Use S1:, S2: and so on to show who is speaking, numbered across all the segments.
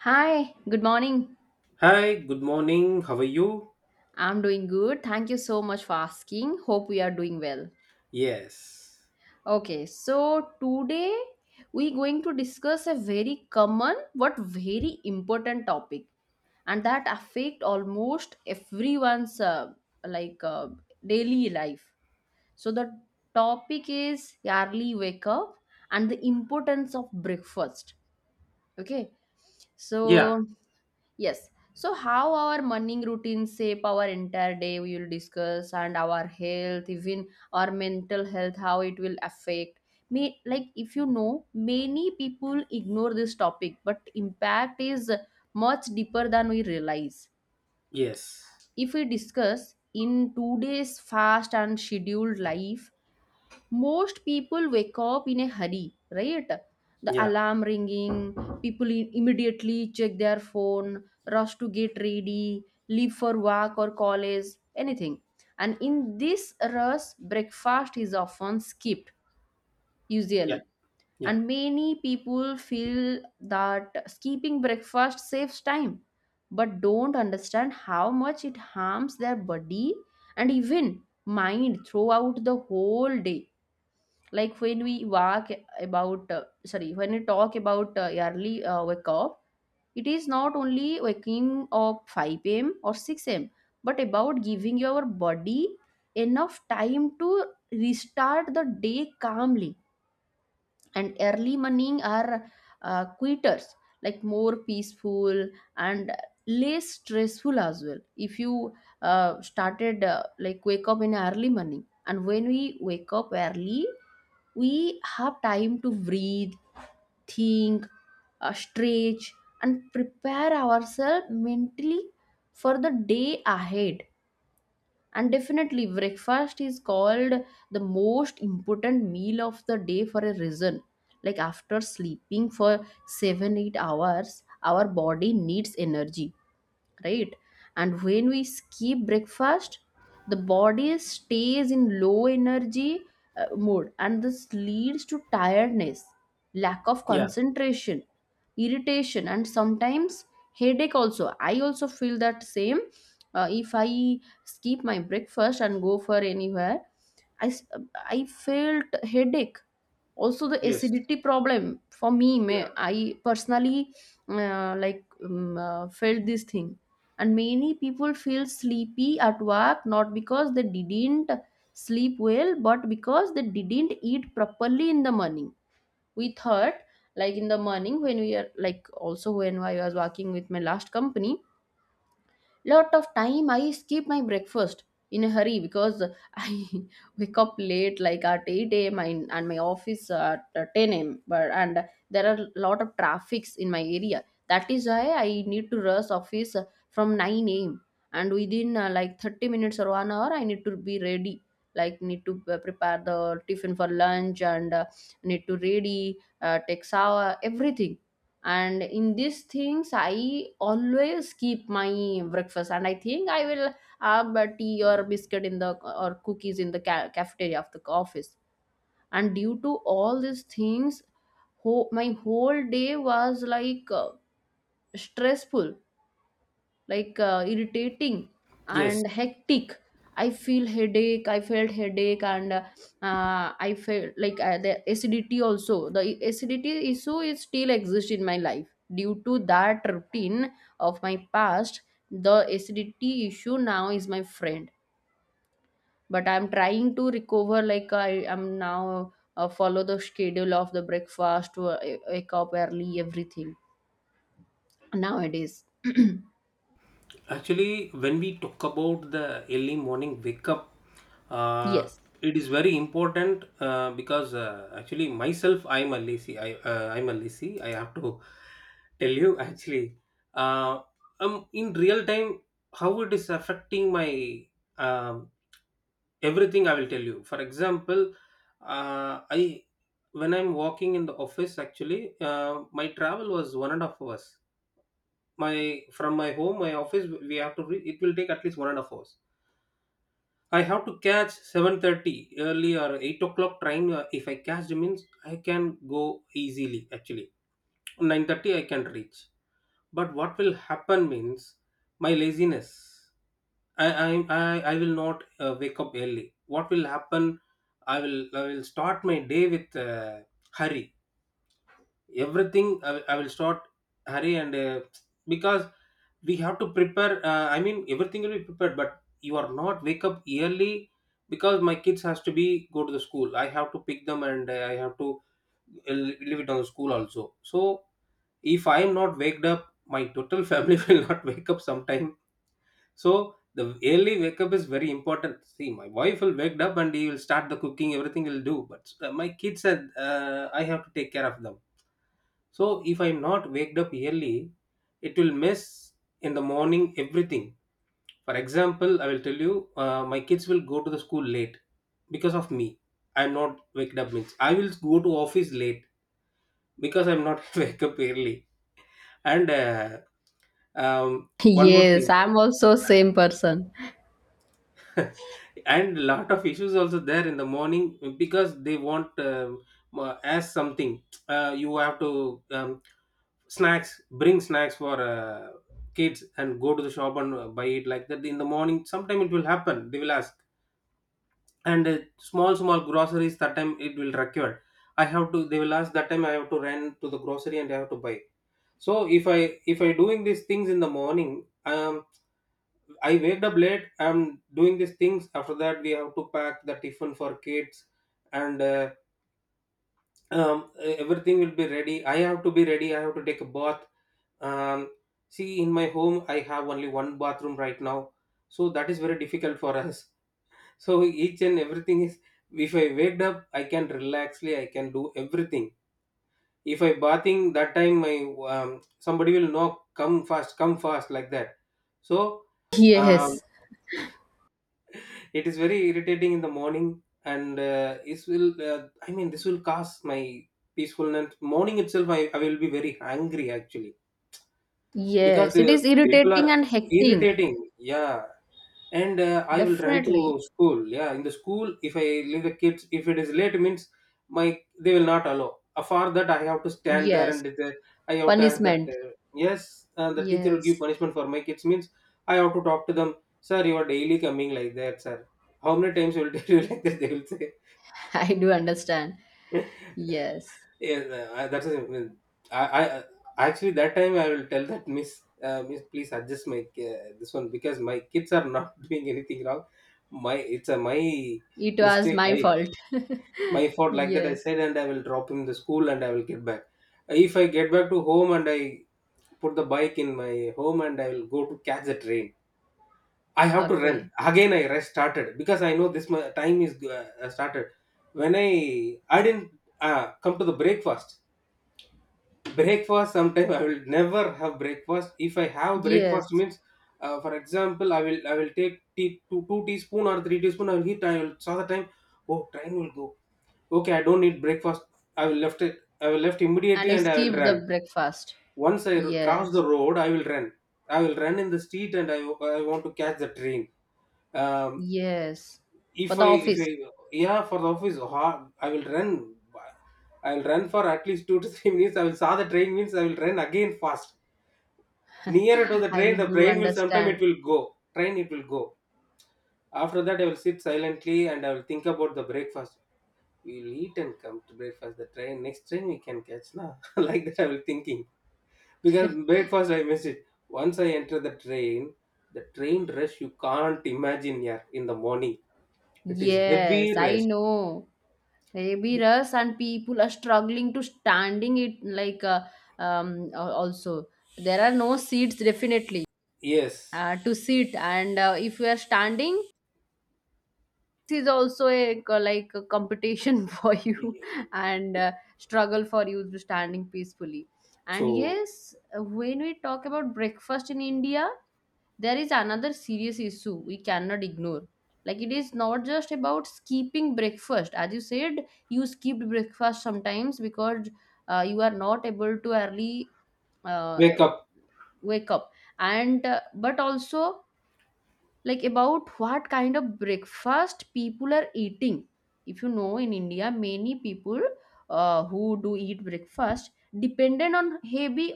S1: Hi, good morning.
S2: Hi, good morning. How are you?
S1: I'm doing good. Thank you so much for asking. Hope we are doing well.
S2: Yes.
S1: Okay, so today we're going to discuss a very common but very important topic, and that affect almost everyone's like uh, daily life. So the topic is early wake up and the importance of breakfast. Okay,
S2: Yeah.
S1: so. Yes. So, how our morning routines shape our entire day, we will discuss, and our health, even our mental health, how it will affect. May, like, if you know, many people ignore this topic, but impact is much deeper than we realize.
S2: Yes.
S1: If we discuss in today's fast and scheduled life, most people wake up in a hurry, right? The
S2: Yeah.
S1: alarm ringing, people immediately check their phone, rush to get ready, leave for work or college, anything, and in this rush breakfast is often skipped,
S2: Yeah.
S1: usually.
S2: Yeah.
S1: And many people feel that skipping breakfast saves time but don't understand how much it harms their body and even mind throughout the whole day. Like, when we walk about sorry, when we talk about early wake up, it is not only waking up 5 a.m. or 6 a.m., but about giving your body enough time to restart the day calmly. And early morning are quitters, like more peaceful and less stressful as well, if you started like wake up in early morning. And when we wake up early, we have time to breathe, think, stretch, and prepare ourselves mentally for the day ahead. And definitely, breakfast is called the most important meal of the day for a reason. Like, after sleeping for 7 8 hours, our body needs energy, right? And when we skip breakfast, the body stays in low energy mode, and this leads to tiredness, lack of
S2: Yeah.
S1: concentration, irritation, and sometimes headache. Also, I also feel that same if I skip my breakfast and go for anywhere, i s- I felt headache. Also, the
S2: Yes.
S1: acidity problem for me, may
S2: Yeah.
S1: I personally like felt this thing. And many people feel sleepy at work not because they didn't sleep well, but because they didn't eat properly in the morning, we thought. Like, in the morning when we are, like, also when I was working with my last company, lot of time I skip my breakfast in a hurry, because I wake up late like at 8 a.m. and my office at 10 a.m., but and there are lot of traffics in my area, that is why I need to rush office from 9 a.m. And within like 30 minutes or 1 hour I need to be ready, like need to prepare the tiffin for lunch, and need to ready, take shower, everything. And in these things I always keep my breakfast, and I think I will have a tea or biscuit in the or cookies in the cafeteria of the office. And due to all these things, my whole day was like stressful, like irritating
S2: Yes.
S1: and hectic. I feel headache, I felt headache, and I felt like the acidity also. The acidity issue is still exists in my life due to that routine of my past. The acidity issue now is my friend, but I'm trying to recover. Like, I am now follow the schedule of the breakfast, wake up early, everything nowadays.
S2: Actually, when we talk about the early morning wake up, uh,
S1: Yes.
S2: it is very important because actually myself, I'm a lazy. I'm a lazy. I have to tell you actually. Uh, in real time, how it is affecting my um everything I will tell you. For example, I when I'm walking in the office, actually my travel was 1.5 hours. my From my home my office we have to it will take at least 1.5 hours. I have to catch 7:30 early or 8 o'clock train. If I catch, it means I can go easily, actually 9:30 I can reach. But what will happen means my laziness. I will not wake up early. What will happen? I will start my day with hurry. Everything I will start hurry and because we have to prepare. I mean everything will be prepared, but you are not wake up early because my kids has to be go to the school. I have to pick them and I have to leave it on the school also. So if I am not waked up, my total family will not wake up sometime, so the early wake up is very important. See, my wife will wake up and he will start the cooking, everything will do. But my kids said I have to take care of them. So if I'm not waked up early, it will mess in the morning everything. For example, I will tell you, my kids will go to the school late because of me. I'm not waked up means I will go to office late because I'm not wake up early. And one more
S1: Yes,
S2: thing.
S1: I'm also same person.
S2: And lot of issues also there in the morning because they want as something, you have to snacks bring snacks for kids and go to the shop and buy it like that in the morning, sometime it will happen they will ask. And small small groceries that time it will require. I have to, they will ask that time I have to run to the grocery and I have to buy. So if i if I doing these things in the morning, um I waked up late. I'm doing these things. After that, we have to pack the tiffin for kids, and everything will be ready. I have to be ready. I have to take a bath. Um, see, in my home, I have only one bathroom right now, so that is very difficult for us. So each and everything is. If I waked up, I can relaxly. I can do everything. If I bathing that time, my somebody will knock. Come fast. Come fast like that. So. Um,
S1: Yes.
S2: It is very irritating in the morning, and this will. I mean, this will cause my peacefulness. Morning itself, I will be very angry actually because
S1: Yes, it
S2: the
S1: is
S2: people are
S1: irritating and hectic.
S2: irritating. Yeah. And I will run
S1: Definitely.
S2: to school. Yeah, in the school, if I leave the kids, if it is late, means my they will not allow. For that, I have to stand there
S1: Yes.
S2: and the, I have to ask that
S1: Punishment.
S2: yes, the teacher will give
S1: Yes.
S2: punishment for my kids. Means I have to talk to them, sir. You are daily coming like that, sir. How many times you will tell you like that? They will
S1: I do understand.
S2: say.
S1: Yes.
S2: Yeah, no, that's the I actually that time I will tell that miss, miss, please adjust my this one because my kids are not doing anything wrong. My It's a my
S1: It was
S2: mistake.
S1: my
S2: I
S1: fault.
S2: My fault like that. I
S1: Yes.
S2: said, and I will drop him the school, and I will get back. If I get back to home and I put the bike in my home, and I will go to catch the train. I have to run
S1: Okay.
S2: again. I rest started because I know this my time is started. When I didn't come to the breakfast sometime I will never have breakfast. If I have breakfast
S1: Yes.
S2: means, for example, I will take tea, 2 teaspoon or 3 teaspoon I will eat. I will saw the time, oh train will go. Okay, I don't need breakfast. I will left it. I will left
S1: And
S2: immediately
S1: you
S2: and I will
S1: skip
S2: run.
S1: the breakfast.
S2: Once cross the
S1: Yes.
S2: road I will run. I will run in the street, and I want to catch the train. um,
S1: Yes.
S2: if
S1: For the
S2: I if I
S1: office.
S2: yeah, for the office, I will run. I will run for at least 2 to 3 minutes. I will saw the train means I will run again fast. Nearer to the train,
S1: I
S2: the
S1: do
S2: train will sometime it
S1: understand.
S2: will go, train it will go. After that I will sit silently and I will think about the breakfast. We'll eat and come to breakfast, the train, next train we can catch now like that I will thinking. Because breakfast I miss it. Once I enter the train, the train rush you can't imagine. Yeah, in the morning it is heavy
S1: Yes, I
S2: rush.
S1: know. Maybe us and people are struggling to standing it, like also, there are no seats definitely
S2: Yes.
S1: to sit, and if you are standing, this is also a like a competition for you, and struggle for you to standing peacefully. And
S2: So.
S1: yes, when we talk about breakfast in India, there is another serious issue we cannot ignore. Like, it is not just about skipping breakfast. As you said, you skipped breakfast sometimes because you are not able to early uh,
S2: Wake up.
S1: wake up, and but also, like, about what kind of breakfast people are eating. If you know, in India many people who do eat breakfast dependent on heavy,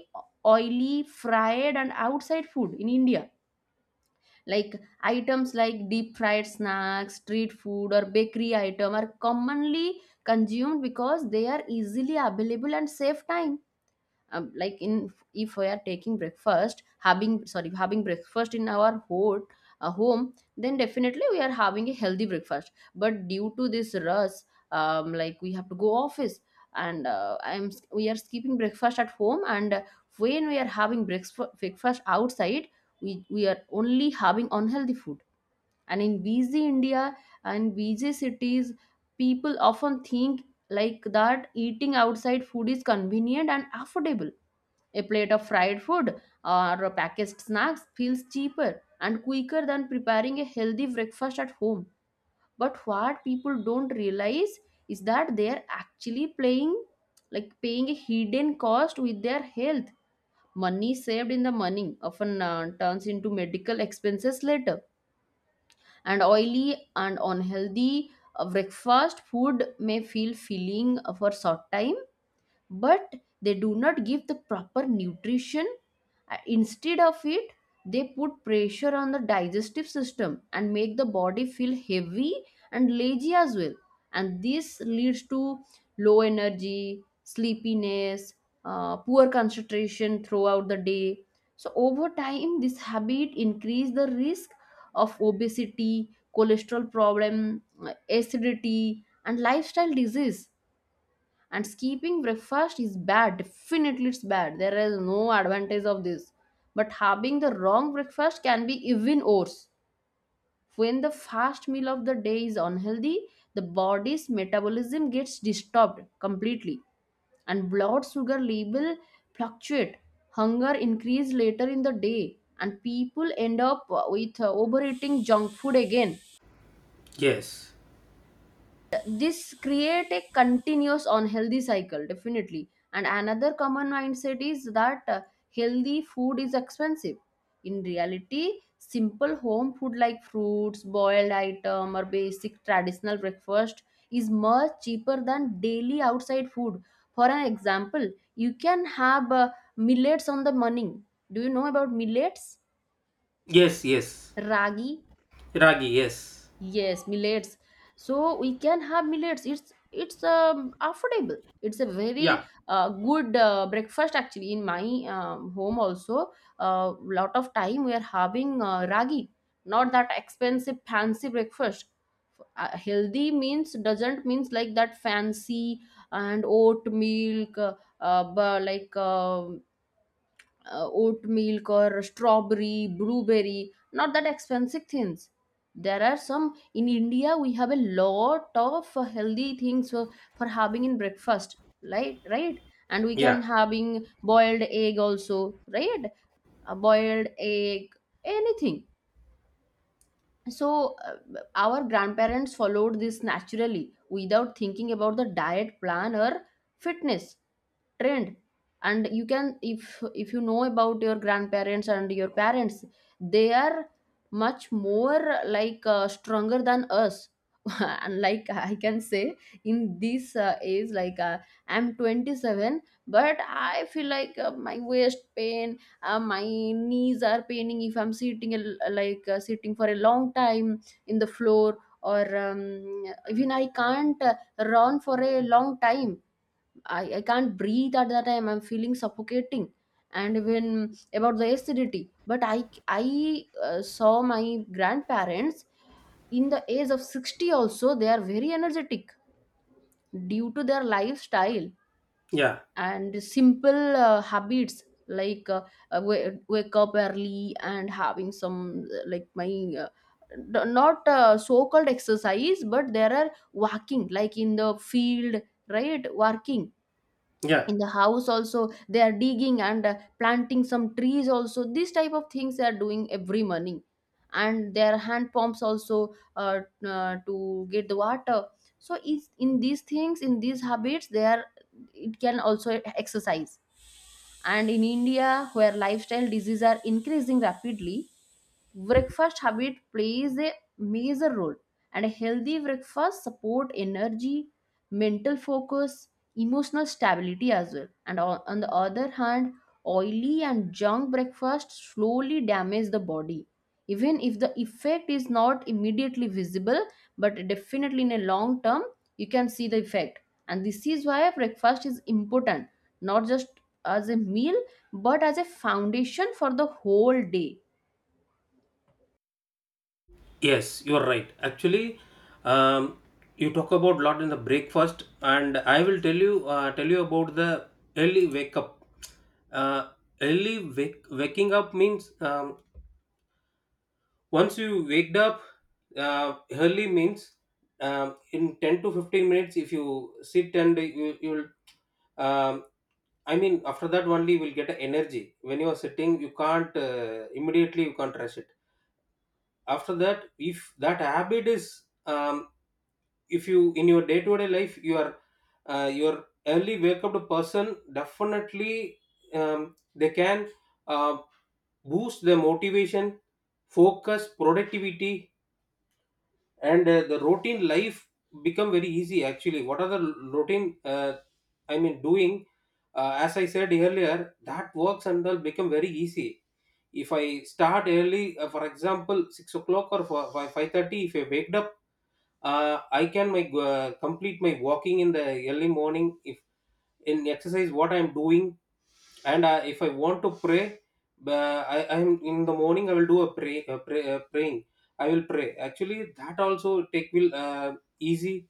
S1: oily, fried, and outside food in India. Like, items like deep fried snacks, street food, or bakery item are commonly consumed because they are easily available and save time. Like, in, if we are taking breakfast having, sorry, having breakfast in our home, then definitely we are having a healthy breakfast, but due to this rush, like we have to go office, and I'm we are skipping breakfast at home, and when we are having breakfast outside, we are only having unhealthy food. And in busy India and busy cities, people often think like that eating outside food is convenient and affordable. A plate of fried food or packaged snacks feels cheaper and quicker than preparing a healthy breakfast at home. But what people don't realize is that they are actually playing like paying a hidden cost with their health. Money saved in the morning often turns into medical expenses later. And oily and unhealthy breakfast food may feel filling for short time, but they do not give the proper nutrition. Instead of it, they put pressure on the digestive system and make the body feel heavy and lazy as well, and this leads to low energy, sleepiness, poor concentration throughout the day. So over time, this habit increase the risk of obesity, cholesterol problem, acidity, and lifestyle disease. And skipping breakfast is bad, definitely it's bad. There is no advantage of this, but having the wrong breakfast can be even worse. When the first meal of the day is unhealthy, the body's metabolism gets disturbed completely, and blood sugar level fluctuate, hunger increase later in the day, and people end up with overeating junk food again.
S2: Yes.
S1: This create a continuous unhealthy cycle, definitely. And another common mindset is that healthy food is expensive. In reality, simple home food like fruits, boiled item, or basic traditional breakfast is much cheaper than daily outside food. For an example, you can have millets on the morning. Do you know about millets?
S2: Yes. Yes.
S1: Ragi.
S2: Ragi. Yes.
S1: Yes, millets. So we can have millets. It's affordable. It's a
S2: Yeah.
S1: very good breakfast actually. In my home also, a lot of time we are having ragi. Not that expensive fancy breakfast. Healthy means doesn't means like that fancy, and oat milk, like oat milk or strawberry, blueberry, not that expensive things. There are some, in India we have a lot of healthy things for, having in breakfast, right? Right? And we
S2: Yeah.
S1: can having boiled egg also, right? A boiled egg, anything. So our grandparents followed this naturally without thinking about the diet plan or fitness trend. And you can, if you know about your grandparents and your parents, they are much more like stronger than us. And like I can say, in this age, like, I'm 27, but I feel like my waist pain, my knees are paining if I'm sitting like sitting for a long time in the floor, or even I can't run for a long time. I can't breathe at that time. I'm feeling suffocating, and even about the acidity. But I saw my grandparents in the age of 60 also they are very energetic due to their lifestyle
S2: Yeah.
S1: and simple habits, like wake up early and having some like my uh, not so called exercise, but there are walking, like in the field, right? Walking
S2: Yeah.
S1: in the house also, they are digging and planting some trees also. This type of things they are doing every morning, and their hand pumps also to get the water. So is in these things, in these habits, they are, it can also exercise. And in India, where lifestyle diseases are increasing rapidly, breakfast habit plays a major role. And a healthy breakfast support energy, mental focus, emotional stability as well. And on the other hand, oily and junk breakfast slowly damage the body, even if the effect is not immediately visible, but definitely in a long term you can see the effect. And this is why breakfast is important, not just as a meal, but as a foundation for the whole day.
S2: Yes, you are right. Actually, um, you talk about lot in the breakfast, and I will tell you about the early wake up. Uh, Early waking up means, once you waked up early means, in 10 to 15 minutes. If you sit and you will I mean after that only you will get a energy. When you are sitting, you can't immediately you can't rush it. After that, if that habit is, if you in your day to day life you are your early wake up person, definitely they can uh, boost their motivation, focus, productivity. And the routine life become very easy actually. What are the routine I mean doing, as I said earlier, that works and will become very easy. If I start early, for example 6 o'clock or 5 if I waked up, I can make complete my walking in the early morning, if in exercise what I'm doing. And if I want to pray, I I'm in the morning I will do a praying. I will pray actually that also take will easy,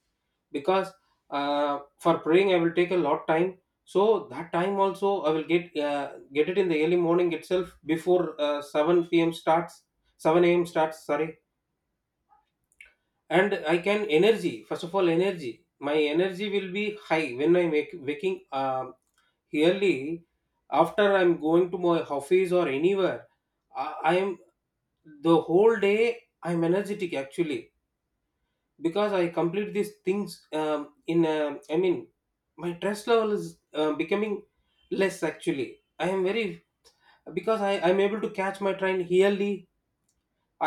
S2: because for praying I will take a lot time. So that time also I will get it in the early morning itself before 7 p.m starts. 7 a.m starts, sorry. And I can energy first of all energy my energy will be high when I'm waking early. After I'm going to my office or anywhere, I am the whole day I'm energetic actually because I complete these things. um, in I mean my stress level is becoming less actually. I am very because I'm able to catch my train early.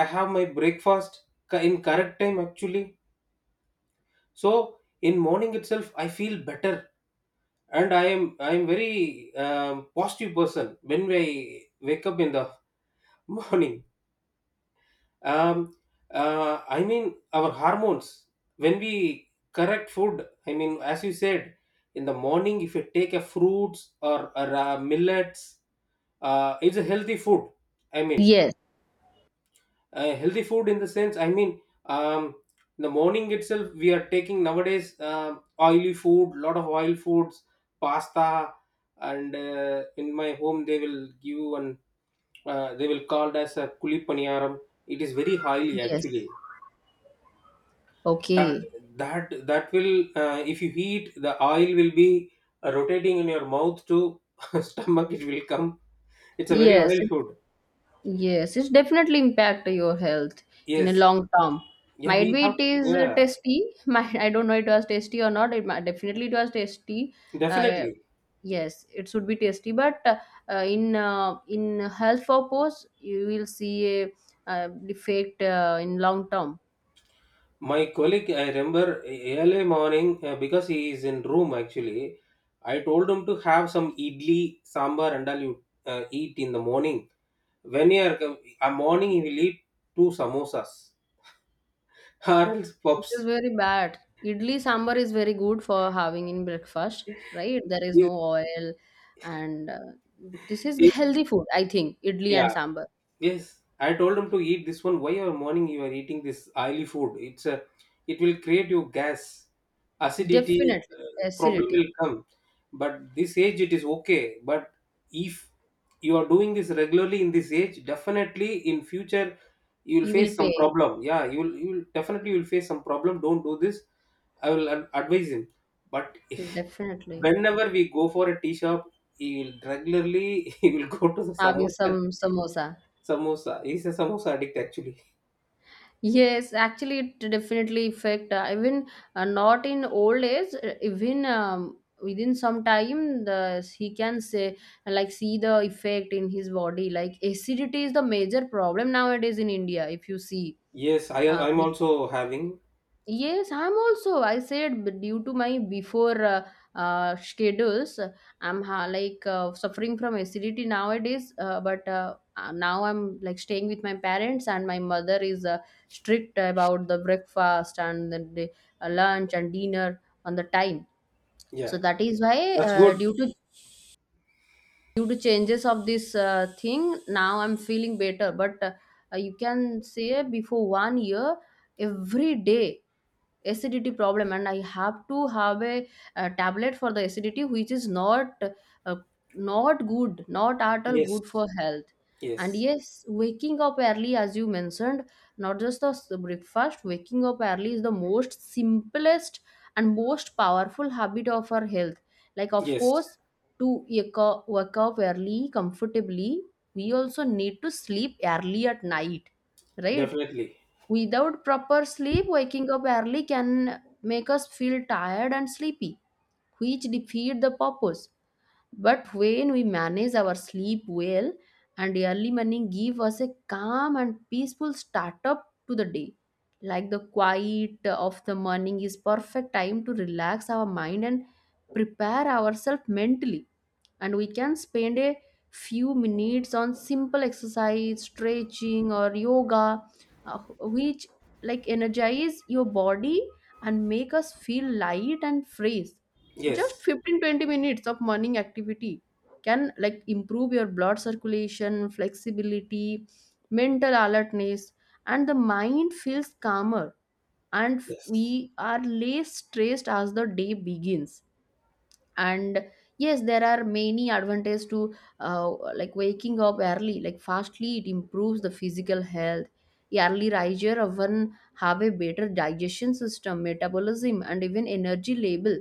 S2: I have my breakfast in correct time actually. So in morning itself I feel better. And I am very positive person when I wake up in the morning. um, I mean our hormones, when we correct food, I mean as you said in the morning if you take a fruits or millets. It's a healthy food. I mean
S1: Yes.
S2: healthy food in the sense I mean, um, the morning itself we are taking nowadays oily food, lot of oil foods, pasta. And in my home they will give. And they will called as a kulipaniyaram. It is very highly actually.
S1: Yes.
S2: that
S1: Okay.
S2: that that will if you eat the oil will be rotating in your mouth to stomach it will come. It's a very
S1: Yes.
S2: oil food.
S1: Yes. It's definitely impact your health in a
S2: Yes.
S1: long term.
S2: Yeah
S1: Might
S2: we
S1: be
S2: have.
S1: it is
S2: Yeah.
S1: tasty. Might I don't know it was tasty or not. It might, definitely it was tasty. Uh,
S2: Definitely.
S1: yes, it should be tasty. But in health purpose, you will see a defect in long term.
S2: My colleague, I remember early morning because he is in room actually. I told him to have some idli, sambar, and all you eat in the morning. When you are a morning, he will eat two samosas or else
S1: This is
S2: pups.
S1: very bad. Idli sambar is very good for having in breakfast, right? There is
S2: He-
S1: no oil, and this is
S2: he-
S1: healthy food, I think. Idli and
S2: Yeah,
S1: sambar.
S2: yes, I told him to eat this one. Why are morning you are eating this oily food? It's a, it will create you gas, acidity
S1: Definitely.
S2: problem
S1: Acidity.
S2: will come. But this age it is okay. But if you are doing this regularly in this age, definitely in future you will
S1: You
S2: face
S1: will
S2: some
S1: pay.
S2: problem. Yeah, you will definitely you will face some problem. Don't do this. I will advise him. But
S1: Definitely.
S2: whenever we go for a tea shop, he will regularly he will go to the
S1: Having
S2: samosa.
S1: some samosa.
S2: Samosa. He's a samosa addict actually.
S1: Yes, actually, it definitely affect even not in old age. Even within some time, the he can say like see the effect in his body. Like acidity is the major problem nowadays in India. If you see,
S2: Yes, I
S1: uh,
S2: I'm also having.
S1: yes, I'm also. I said due to my before schedules, I'm like suffering from acidity nowadays. But now I'm like staying with my parents, and my mother is strict about the breakfast and the day, lunch and dinner on the time. So
S2: Yeah.
S1: that is why
S2: That's good.
S1: due to changes of this thing, now I'm feeling better. But you can say before one year, every day acidity problem and I have to have a tablet for the acidity, which is not uh, not good, not at all good
S2: Yes.
S1: for health. And
S2: Yes.
S1: yes, waking up early, as you mentioned, not just the breakfast, waking up early is the most simplest and most powerful habit of our health. Like, of
S2: Yes.
S1: course, to wake up early comfortably, we also need to sleep early at night, right?
S2: Definitely.
S1: Without proper sleep, waking up early can make us feel tired and sleepy, which defeat the purpose. But when we manage our sleep well, and early morning give us a calm and peaceful start up to the day. Like the quiet of the morning is perfect time to relax our mind and prepare ourselves mentally, and we can spend a few minutes on simple exercise, stretching, or yoga, uh, which like energize your body and make us feel light and fresh. Just
S2: Yes.
S1: 15-20 minutes of morning activity can like improve your blood circulation, flexibility, mental alertness, and the mind feels calmer and
S2: Yes.
S1: we are less stressed as the day begins. And yes, there are many advantages to uh, like waking up early. Like, fastly, it improves the physical health. Early riser often have a better digestion system, metabolism, and even energy level.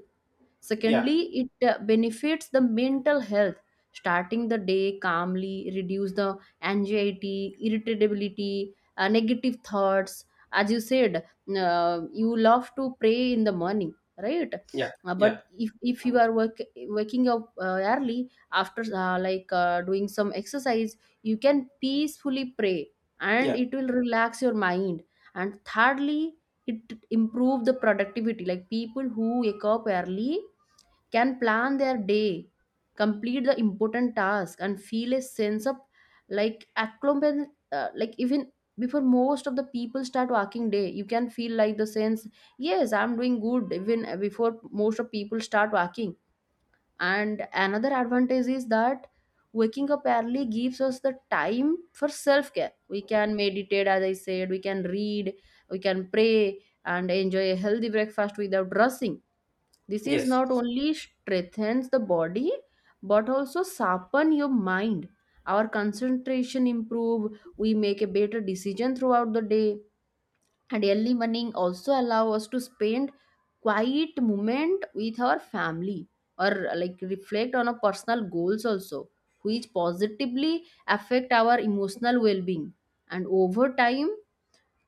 S2: Yeah.
S1: Secondly, it benefits the mental health. Starting the day calmly reduce the anxiety, irritability, negative thoughts. As you said, you love to pray in the morning, right?
S2: Yeah.
S1: But
S2: Yeah.
S1: if you are work, waking up early after like doing some exercise, you can peacefully pray and
S2: Yeah.
S1: it will relax your mind. And thirdly, it improve the productivity. Like, people who wake up early can plan their day, complete the important task, and feel a sense of like accomplishment. Like, even before most of the people start working day, you can feel like the sense, yes, I'm doing good even before most of people start working. And another advantage is that waking up early gives us the time for self care. We can meditate, as I said, we can read, we can pray, and enjoy a healthy breakfast without rushing. This is
S2: Yes.
S1: not only strengthens the body but also sharpen your mind. Our concentration improve, we make a better decision throughout the day. And early morning also allow us to spend quiet moment with our family or like reflect on our personal goals also, which positively affect our emotional well-being. And over time,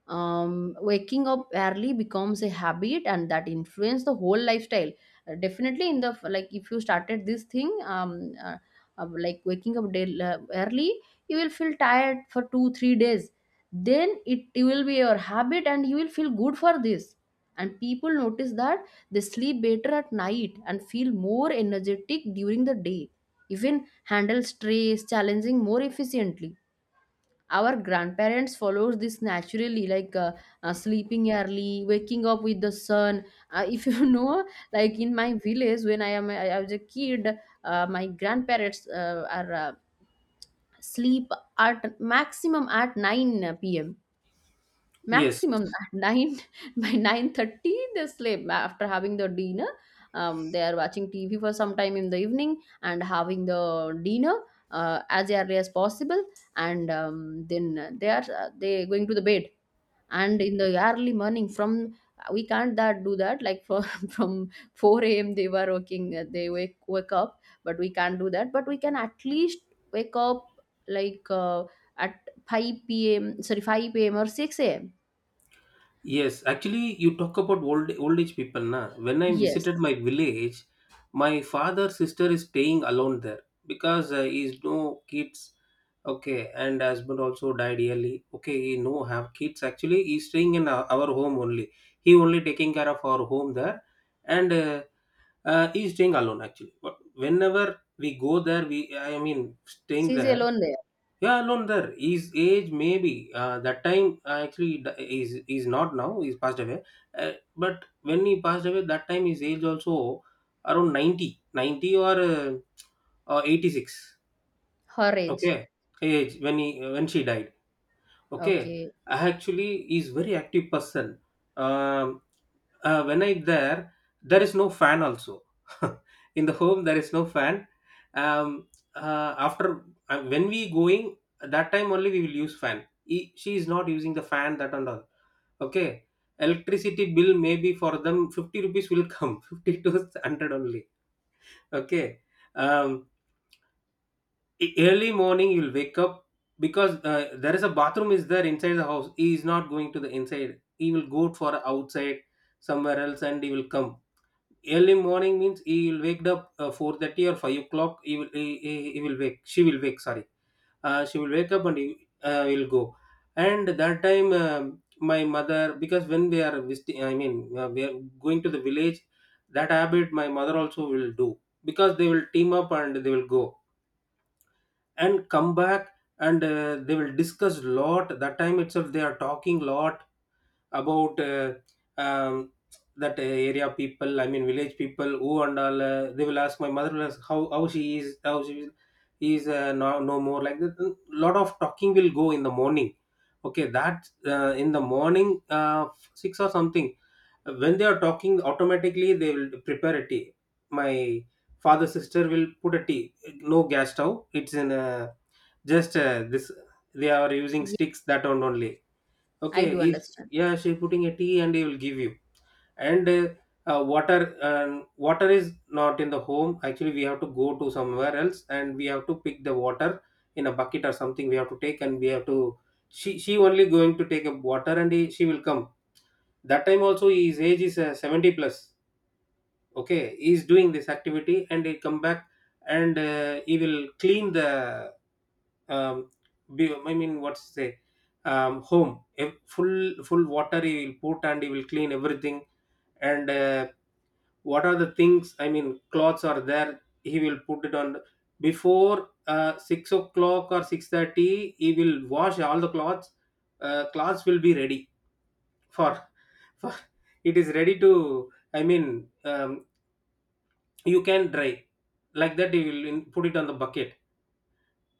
S1: waking up early becomes a habit and that influence the whole lifestyle. Definitely, in the like if you started this thing uh, like waking up day, early, you will feel tired for 2-3 days, then it will be your habit and you will feel good for this. And people notice that they sleep better at night and feel more energetic during the day, even handle stress challenging more efficiently. Our grandparents follows this naturally, like sleeping early, waking up with the sun. If you know, like in my village when I was a kid, my grandparents are sleep at maximum at 9 p.m.
S2: Yes.
S1: Maximum at 9, by 9:30 they sleep after having the dinner. They are watching TV for some time in the evening and having the dinner as early as possible, and then they are they going to the bed. And in the early morning, from we can't that do that like from 4 a.m. they were working. They wake up, but we can't do that. But we can at least wake up like at 5 p.m. Sorry, 5 p.m. or 6 a.m.
S2: Yes, actually, you talk about old age people, na. When I visited
S1: Yes,
S2: my village, my father's sister is staying alone there because he's no kids. Okay, and husband also died early. Okay, he no have kids. Actually, he's staying in our home only. He only taking care of our home there, and he's staying alone actually. But whenever we go there, we, I mean, staying
S1: she's
S2: there,
S1: alone there.
S2: yeah, alone there. His age, maybe that time actually is not now. He's passed away. But when he passed away, that time his age also around 90, 90 or 86.
S1: Her age.
S2: Okay, age when she died. Okay,
S1: Okay.
S2: actually, he's very active person. Um when I there is no fan also. In the home there is no fan. um, After when we going, that time only we will use fan. She is not using the fan that and all. Okay, electricity bill maybe for them 50 rupees will come, 50 to 100 only. Okay. um, Early morning you will wake up because there is a bathroom is there inside the house, he is not going to the inside, he will go for outside somewhere else and he will come. Early morning means he will wake up 4:30 or 5 o'clock. He will wake She will wake, sorry. She will wake up and he will go. And that time my mother, because when we are visiting, I mean, we are going to the village, that habit my mother also will do because they will team up and they will go and come back. And they will discuss lot, that time itself they are talking lot about um, that area people, I mean village people, who and all they will ask, my mother will ask how she is, how she is, no, no more like that. A lot of talking will go in the morning. Okay, that in the morning, 6 or something. When they are talking automatically, they will prepare a tea. My father sister will put a tea. No gas stove, it's in a just this, they are using
S1: Ye-
S2: sticks that one only.
S1: I
S2: Okay.
S1: do
S2: If,
S1: understand.
S2: yeah, she putting a tea and he will give you. And water. Water is not in the home actually, we have to go to somewhere else and we have to pick the water in a bucket or something, we have to take and we have to. She only going to take a water and she will come. That time also his age is 70 plus. Okay, he is doing this activity and he come back. And he will clean the um, I mean, what's say, home. Ev- full full water he will put and he will clean everything. And what are the things, I mean, clothes are there, he will put it on before 6 o'clock or 6:30 he will wash all the clothes. Cloths will be ready for, for it is ready to, I mean, um, you can dry, like that you will put it on the bucket.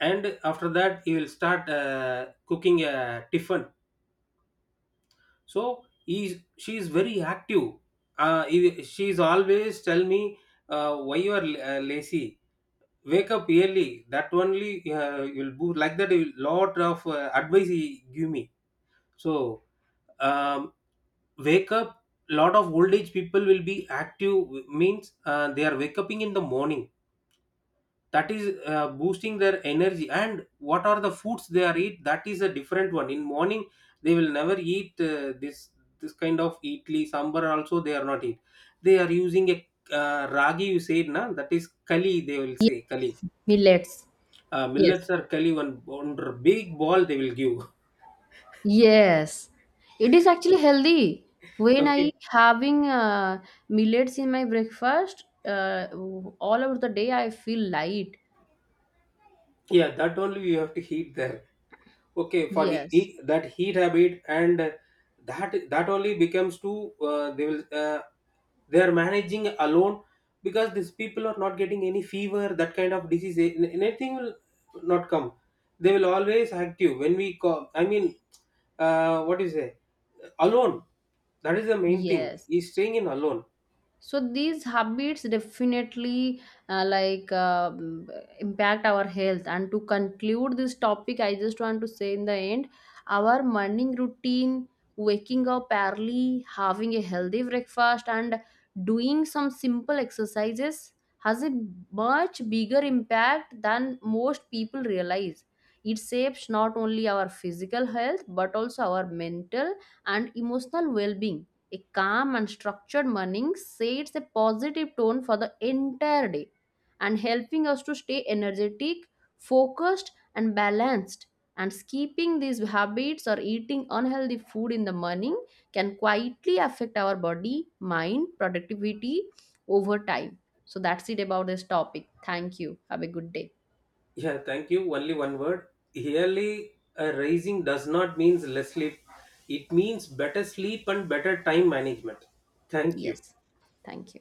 S2: And after that you will start cooking a tiffin. So she is very active. She is always tell me, why you are lazy. Wake up early, that only you'll do like that. A lot of advice he give me. So um, wake up, lot of old age people will be active, means they are wake up in the morning, that is boosting their energy. And what are the foods they are eat, that is a different one in morning. They will never eat this kind of idli sambar also they are not eat. They are using a ragi, you said na, that is kali, they will say kali.
S1: Millets. Yes.
S2: Millets are kali one, big ball they will give.
S1: Yes. It is actually healthy. When
S2: Okay.
S1: I having millets in my breakfast, all over the day I feel light.
S2: Yeah, that only you have to heat there. Okay, for
S1: Yes.
S2: that heat habit and that only becomes to they will they are managing alone because these people are not getting any fever, that kind of disease, anything will not come. They will always active when we call, I mean what do you say, alone. That is the main thing,
S1: Yes.
S2: he's staying in alone.
S1: So these habits definitely like impact our health. And to conclude this topic, I just want to say in the end, our morning routine, waking up early, having a healthy breakfast, and doing some simple exercises, has a much bigger impact than most people realize. It shapes not only our physical health but also our mental and emotional well-being. A calm and structured morning sets a positive tone for the entire day, and helping us to stay energetic, focused, and balanced. And skipping these habits or eating unhealthy food in the morning can quietly affect our body, mind, productivity over time. So that's it about this topic. Thank you. Have a good day.
S2: Yeah, thank you. Only one word. Yearly a raising does not means less sleep. It means better sleep and better time management. Thank you.
S1: Yes. Thank you.